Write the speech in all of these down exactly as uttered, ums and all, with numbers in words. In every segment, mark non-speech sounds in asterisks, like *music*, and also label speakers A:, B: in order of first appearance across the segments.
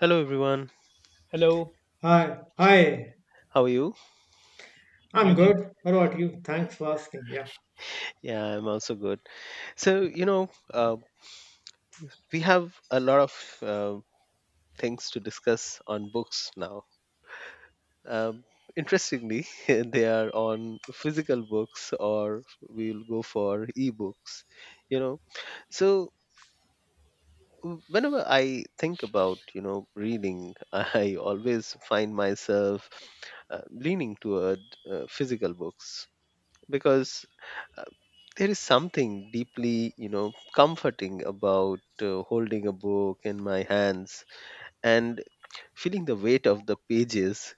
A: Hello, everyone.
B: Hello,
C: Hi, hi.
A: How are you?
C: I'm
B: fine, thank you.
C: good. How about you? Thanks for asking. Yeah.
A: Yeah, I'm also good. So, you know, uh, we have a lot of uh, things to discuss on books now. Um, Interestingly, *laughs* they are on physical books, or we'll go for ebooks, you know. So, w- whenever I think about, you know, reading, *laughs* I always find myself uh, leaning toward uh, physical books because there is something deeply you know comforting about uh, holding a book in my hands and feeling the weight of the pages,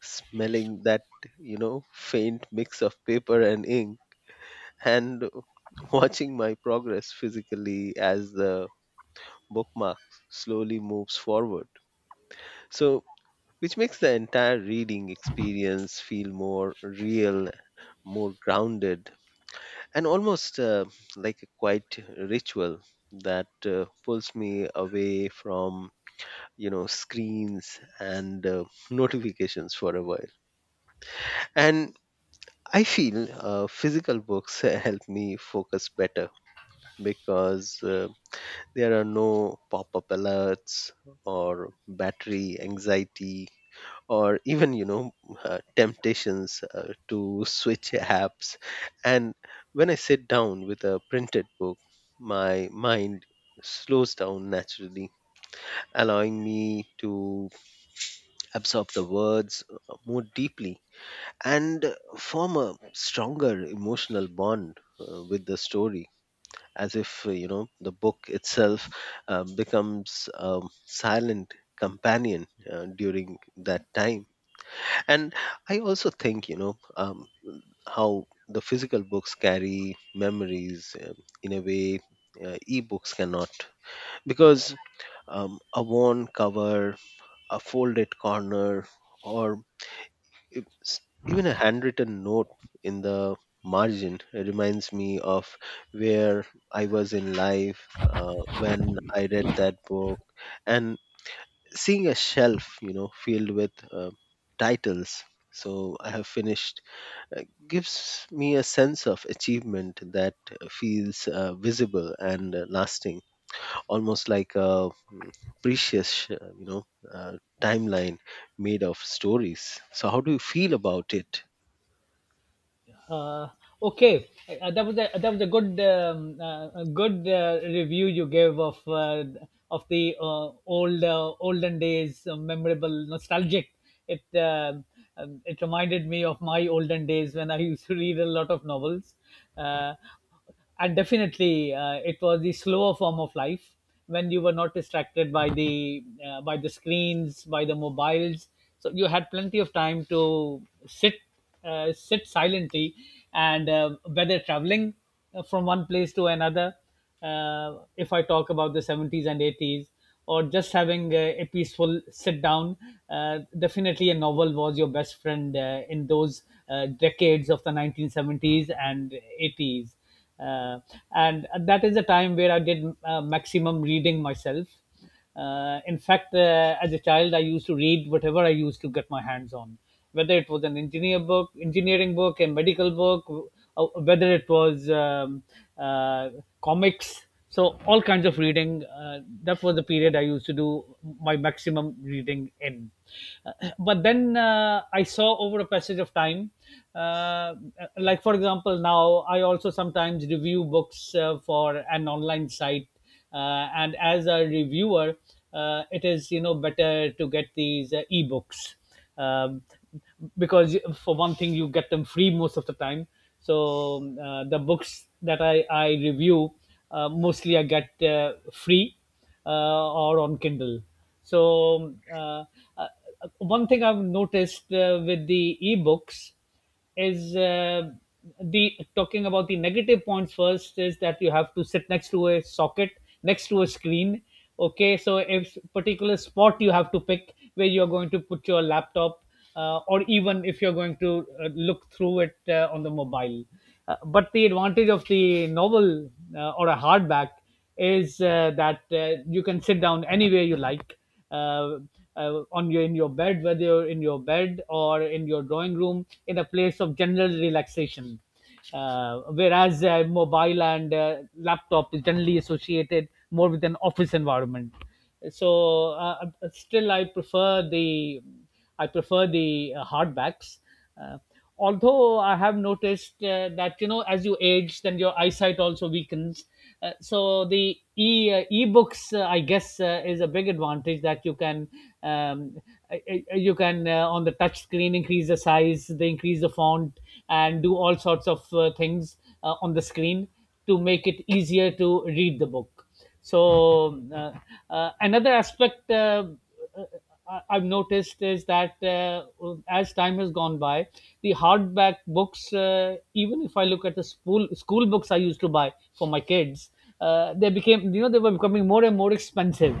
A: smelling that you know faint mix of paper and ink, and *laughs* watching my progress physically as the bookmark slowly moves forward, so which makes the entire reading experience feel more real, more grounded, and almost uh, like a quiet ritual that uh, pulls me away from you know screens and uh, *laughs* notifications for a while. And I feel uh, physical books *laughs* help me focus better because uh, there are no pop-up alerts, or battery anxiety, or even you know uh, temptations uh, to switch apps. And when I sit down with a printed book, my mind slows down naturally, allowing me to absorb the words uh, more deeply, and uh, form a stronger emotional bond uh, with the story, as if uh, you know the book itself uh, becomes a silent companion uh, during that time. And I also think you know um, how the physical books carry memories, um, in a way uh, e-books cannot, because um, a worn cover, a folded corner, or e- s- even a handwritten note in the margin reminds me of where I was in life uh, when I read that book. And seeing a shelf you know filled with uh, titles so I have finished uh, gives me a sense of achievement that feels uh, visible and uh, lasting, almost like a precious, uh, you know, uh, timeline made of stories. So, how do you feel about it?
B: Uh, okay, uh, that was a that was a good um, uh, a good uh, review you gave of uh, of the uh, old uh, olden days, uh, memorable, nostalgic. It um um, it reminded me of my olden days when I used to read a lot of novels. Uh, and definitely uh, it was the slower form of life when you were not distracted by the uh, by the screens, by the mobiles, so you had plenty of time to sit, uh, sit silently, and uh, whether traveling uh, from one place to another, uh, if I talk about the seventies and eighties, or just having a, a peaceful sit down. Uh, definitely a novel was your best friend uh, in those uh, decades of the nineteen seventies and eighties, uh, and that is the time where I did uh, maximum reading myself. Uh, in fact, uh, as a child, I used to read whatever I used to get my hands on, whether it was an engineer book, engineering book, a medical book, w- uh, whether it was um, uh, comics. So all kinds of reading. Uh, that was the period I used to do my maximum reading in. Uh, but then uh, I saw over a passage of time, uh, like for example, now I also sometimes review books uh, for an online site, uh, and as a reviewer, uh, it is, you know, better to get these uh, ebooks, um, because for one thing you get them free most of the time. So uh, the books that i, I review, uh, mostly I get uh, free, uh, or on Kindle. so uh, uh, One thing I've noticed uh, with the ebooks is, uh, the talking about the negative points first, is that you have to sit next to a socket, next to a screen. Okay, so if particular spot you have to pick where you're going to put your laptop, uh, or even if you're going to uh, look through it uh, on the mobile. Uh, but the advantage of the novel, uh, or a hardback, is uh, that uh, you can sit down anywhere you like, uh, uh, on your in your bed, whether you're in your bed or in your drawing room, in a place of general relaxation, uh, whereas uh, mobile and uh, laptop is generally associated more with an office environment. So uh, uh, still i prefer the I prefer the uh, hardbacks. Uh, although I have noticed uh, that, you know, as you age, then your eyesight also weakens. Uh, so the e uh, e-books, uh, I guess, uh, is a big advantage, that you can um, uh, uh, you can uh, on the touch screen increase the size, they increase the font, and do all sorts of uh, things uh, on the screen to make it easier to read the book. So uh, uh, Another aspect uh, uh, I have noticed is that, uh, as time has gone by, the hardback books, uh, even if I look at the school school books I used to buy for my kids, uh, they became, you know, they were becoming more and more expensive.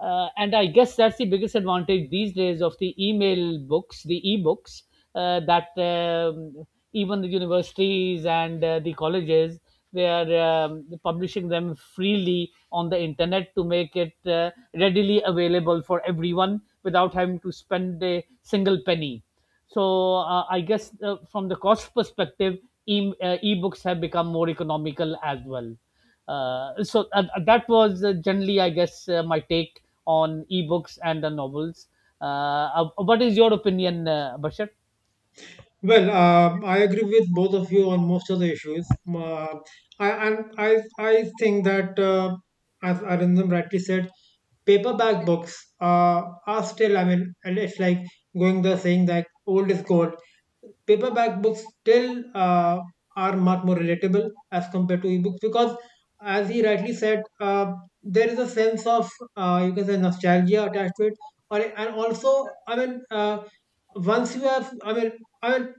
B: Uh, and I guess that's the biggest advantage these days of the email books, the e-books, uh, that um, even the universities and uh, the colleges, they are um, publishing them freely on the internet to make it uh, readily available for everyone without having to spend a single penny. So uh, I guess, uh, from the cost perspective, e- uh, e-books have become more economical as well. Uh, so uh, uh, that was uh, generally, I guess, uh, my take on ebooks and the novels. Uh, uh, what is your opinion, uh, Bashar?
C: Well, um, I agree with both of you on most of the issues. Uh, I, and I, I think that, uh, as Arindam rightly said, paperback books uh, are still, i mean and it's like going, the saying that old is gold. Paperback books still uh, are much more relatable as compared to ebooks, because as he rightly said, uh, there is a sense of, uh, you can say, nostalgia attached to it. Or, and also, i mean uh, once you have, i mean i mean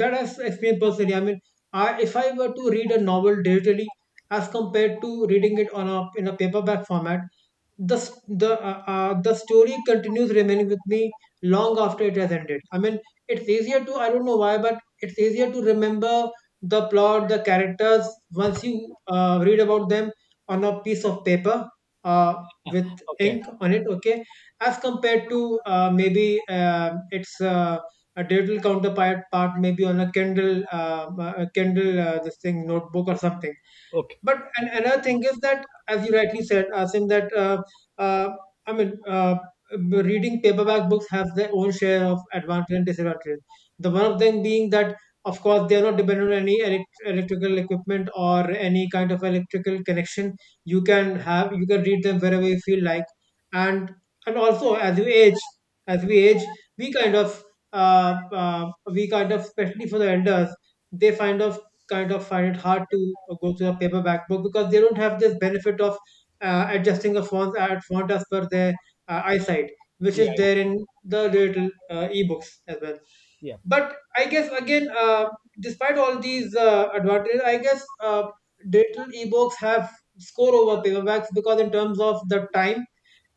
C: that has experienced personally, i mean I, if I were to read a novel digitally as compared to reading it on a in a paperback format, the s- the uh, uh, the story continues remaining with me long after it has ended. I mean it's easier to, I don't know why, but it's easier to remember the plot, the characters, once you uh, read about them on a piece of paper, uh, with
B: Okay,
C: ink on it. Okay. As compared to uh, maybe uh, its uh, a digital counterpart part, maybe on a kindle, uh, uh, kindle, uh, this thing, notebook or something.
B: okay,
C: But an- another thing is that, as you rightly said, Asim, that, uh, uh, I mean, uh, b- reading paperback books have their own share of advantages and disadvantages. The one of them being that, of course, they are not dependent on any elect- electrical equipment or any kind of electrical connection. You can have, you can read them wherever you feel like, and and also as we age, as we age, we kind of, uh, uh, we kind of, especially for the elders, they find of kind of find it hard to go to a paperback book because they don't have this benefit of uh, adjusting the fonts at font as per their uh, eyesight, which
B: yeah,
C: is there in the little uh, ebooks as well.
B: yeah,
C: But I guess again, uh, despite all these uh, advantages, I guess uh, digital ebooks have score over paperbacks, because in terms of the time,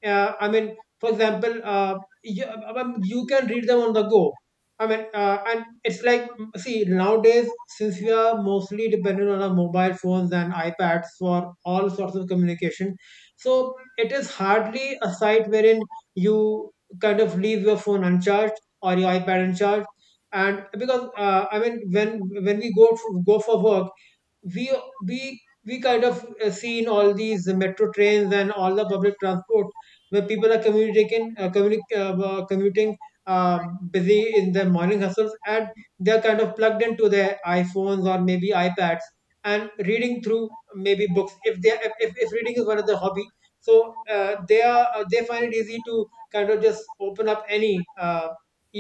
C: uh, I mean, for example, uh, you, um, you can read them on the go. I mean, uh, and it's like, mm, see, nowadays, since we are mostly dependent on our mobile phones and iPads for all sorts of communication, so it is hardly a site wherein you kind of leave your phone uncharged or your iPad uncharged. And because, uh, I mean, when when we go f- go for work, we we we kind of, uh, see in all these metro trains and all the public transport where people are communicating uh, communi- uh, uh, commuting, uh, busy in their morning hustles, and they're kind of plugged into their iPhones or maybe iPads, and reading through maybe books, if they if, if if reading is one of their hobby. So uh, they are uh, they find it easy to kind of just open up any uh,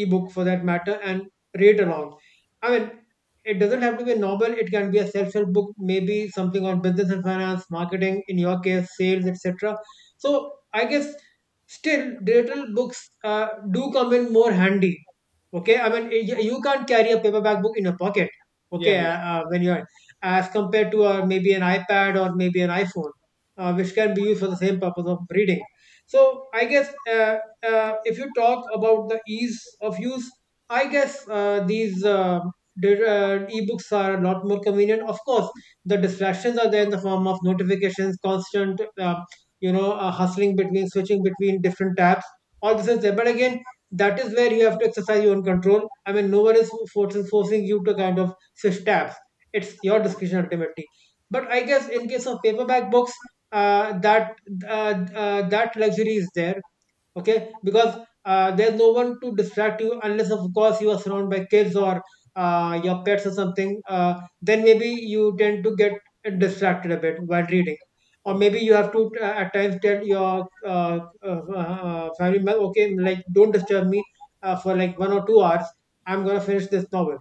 C: ebook for that matter and read along. I mean, it doesn't have to be a novel. It can be a self-help book, maybe something on business and finance, marketing, in your case, sales, et cetera. So I guess still digital books uh, do come in more handy. Okay, I mean, y- you can't carry a paperback book in your pocket.
B: yeah,
C: Okay,
B: yeah.
C: uh, uh, when you're, as compared to uh, maybe an iPad or maybe an iPhone, uh, which can be used for the same purpose of reading. So I guess, uh, uh, if you talk about the ease of use, I guess uh, these uh, did, uh, ebooks are a lot more convenient. Of course, the distractions are there in the form of notifications, constant, uh, you know, uh, hustling between, switching between different tabs. All this is there. But again, that is where you have to exercise your own control. I mean, no one is forcing, forcing you to kind of switch tabs. It's your discretion ultimately. But I guess in case of paperback books, uh, that uh, uh, that luxury is there, okay, because uh, there's no one to distract you, unless of course you are surrounded by kids or uh, your pets or something. Uh, then maybe you tend to get distracted a bit while reading, or
B: Okay.
C: maybe you have to, uh, at times, tell your uh, uh, uh, family member, okay, like, don't disturb me uh, for like one or two hours, I'm going to finish this novel.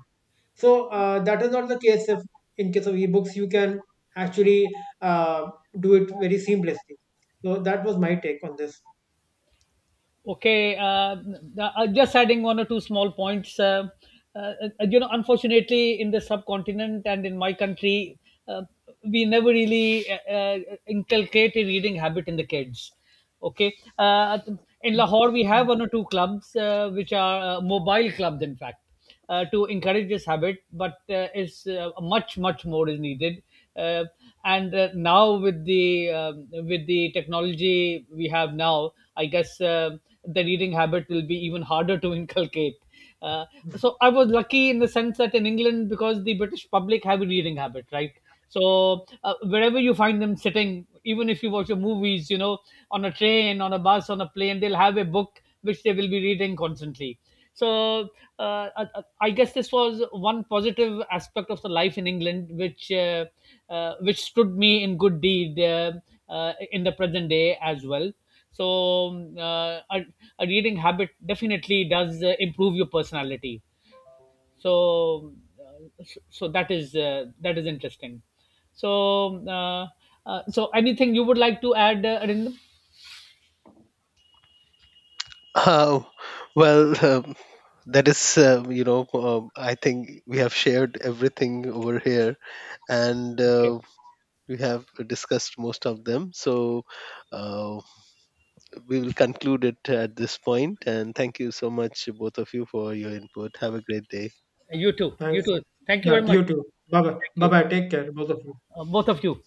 C: So uh, that is not the case. If in case of ebooks, you can actually uh, do it very seamlessly. So that was my take on this.
B: Okay, uh, uh, just adding one or two small points. Uh, uh, you know, unfortunately, in the subcontinent and in my country, uh, we never really uh, uh, inculcate a reading habit in the kids. Okay, uh, in Lahore, we have one or two clubs uh, which are uh, mobile clubs, in fact, uh, to encourage this habit, but uh, is uh, much much more is needed. Uh, and uh, now with the um, with the technology we have now, I guess uh, the reading habit will be even harder to *laughs* inculcate. Uh, so I was lucky in the sense that in England, because the British public have a reading habit, right? So uh, wherever you find them sitting, even if you watch the movies, you know, on a train, on a bus, on a plane, they'll have a book which they will be reading constantly. So uh, I I guess this was one positive aspect of the life in England, which uh, uh, which stood me in good deed uh, uh, in the present day as well. So um, uh, a, a reading habit definitely does uh, improve your personality. So uh, so so that is uh, that is interesting. So uh, uh, so anything you would like to add, uh, Arindam?
A: Uh, well, um, that is, uh, you know, um I think we have shared everything over here, and
B: Okay.
A: uh, we have discussed most of them. So. Uh, we will conclude it at this point. And thank you so much, both of you, for your input. Have a great day.
B: You too. You
C: Thanks.
B: too. Thank you
C: Yeah,
B: very much.
C: you too. Bye bye.
B: Thank
C: Bye
B: you.
C: bye. Take care, both of you.
B: Uh, both of you.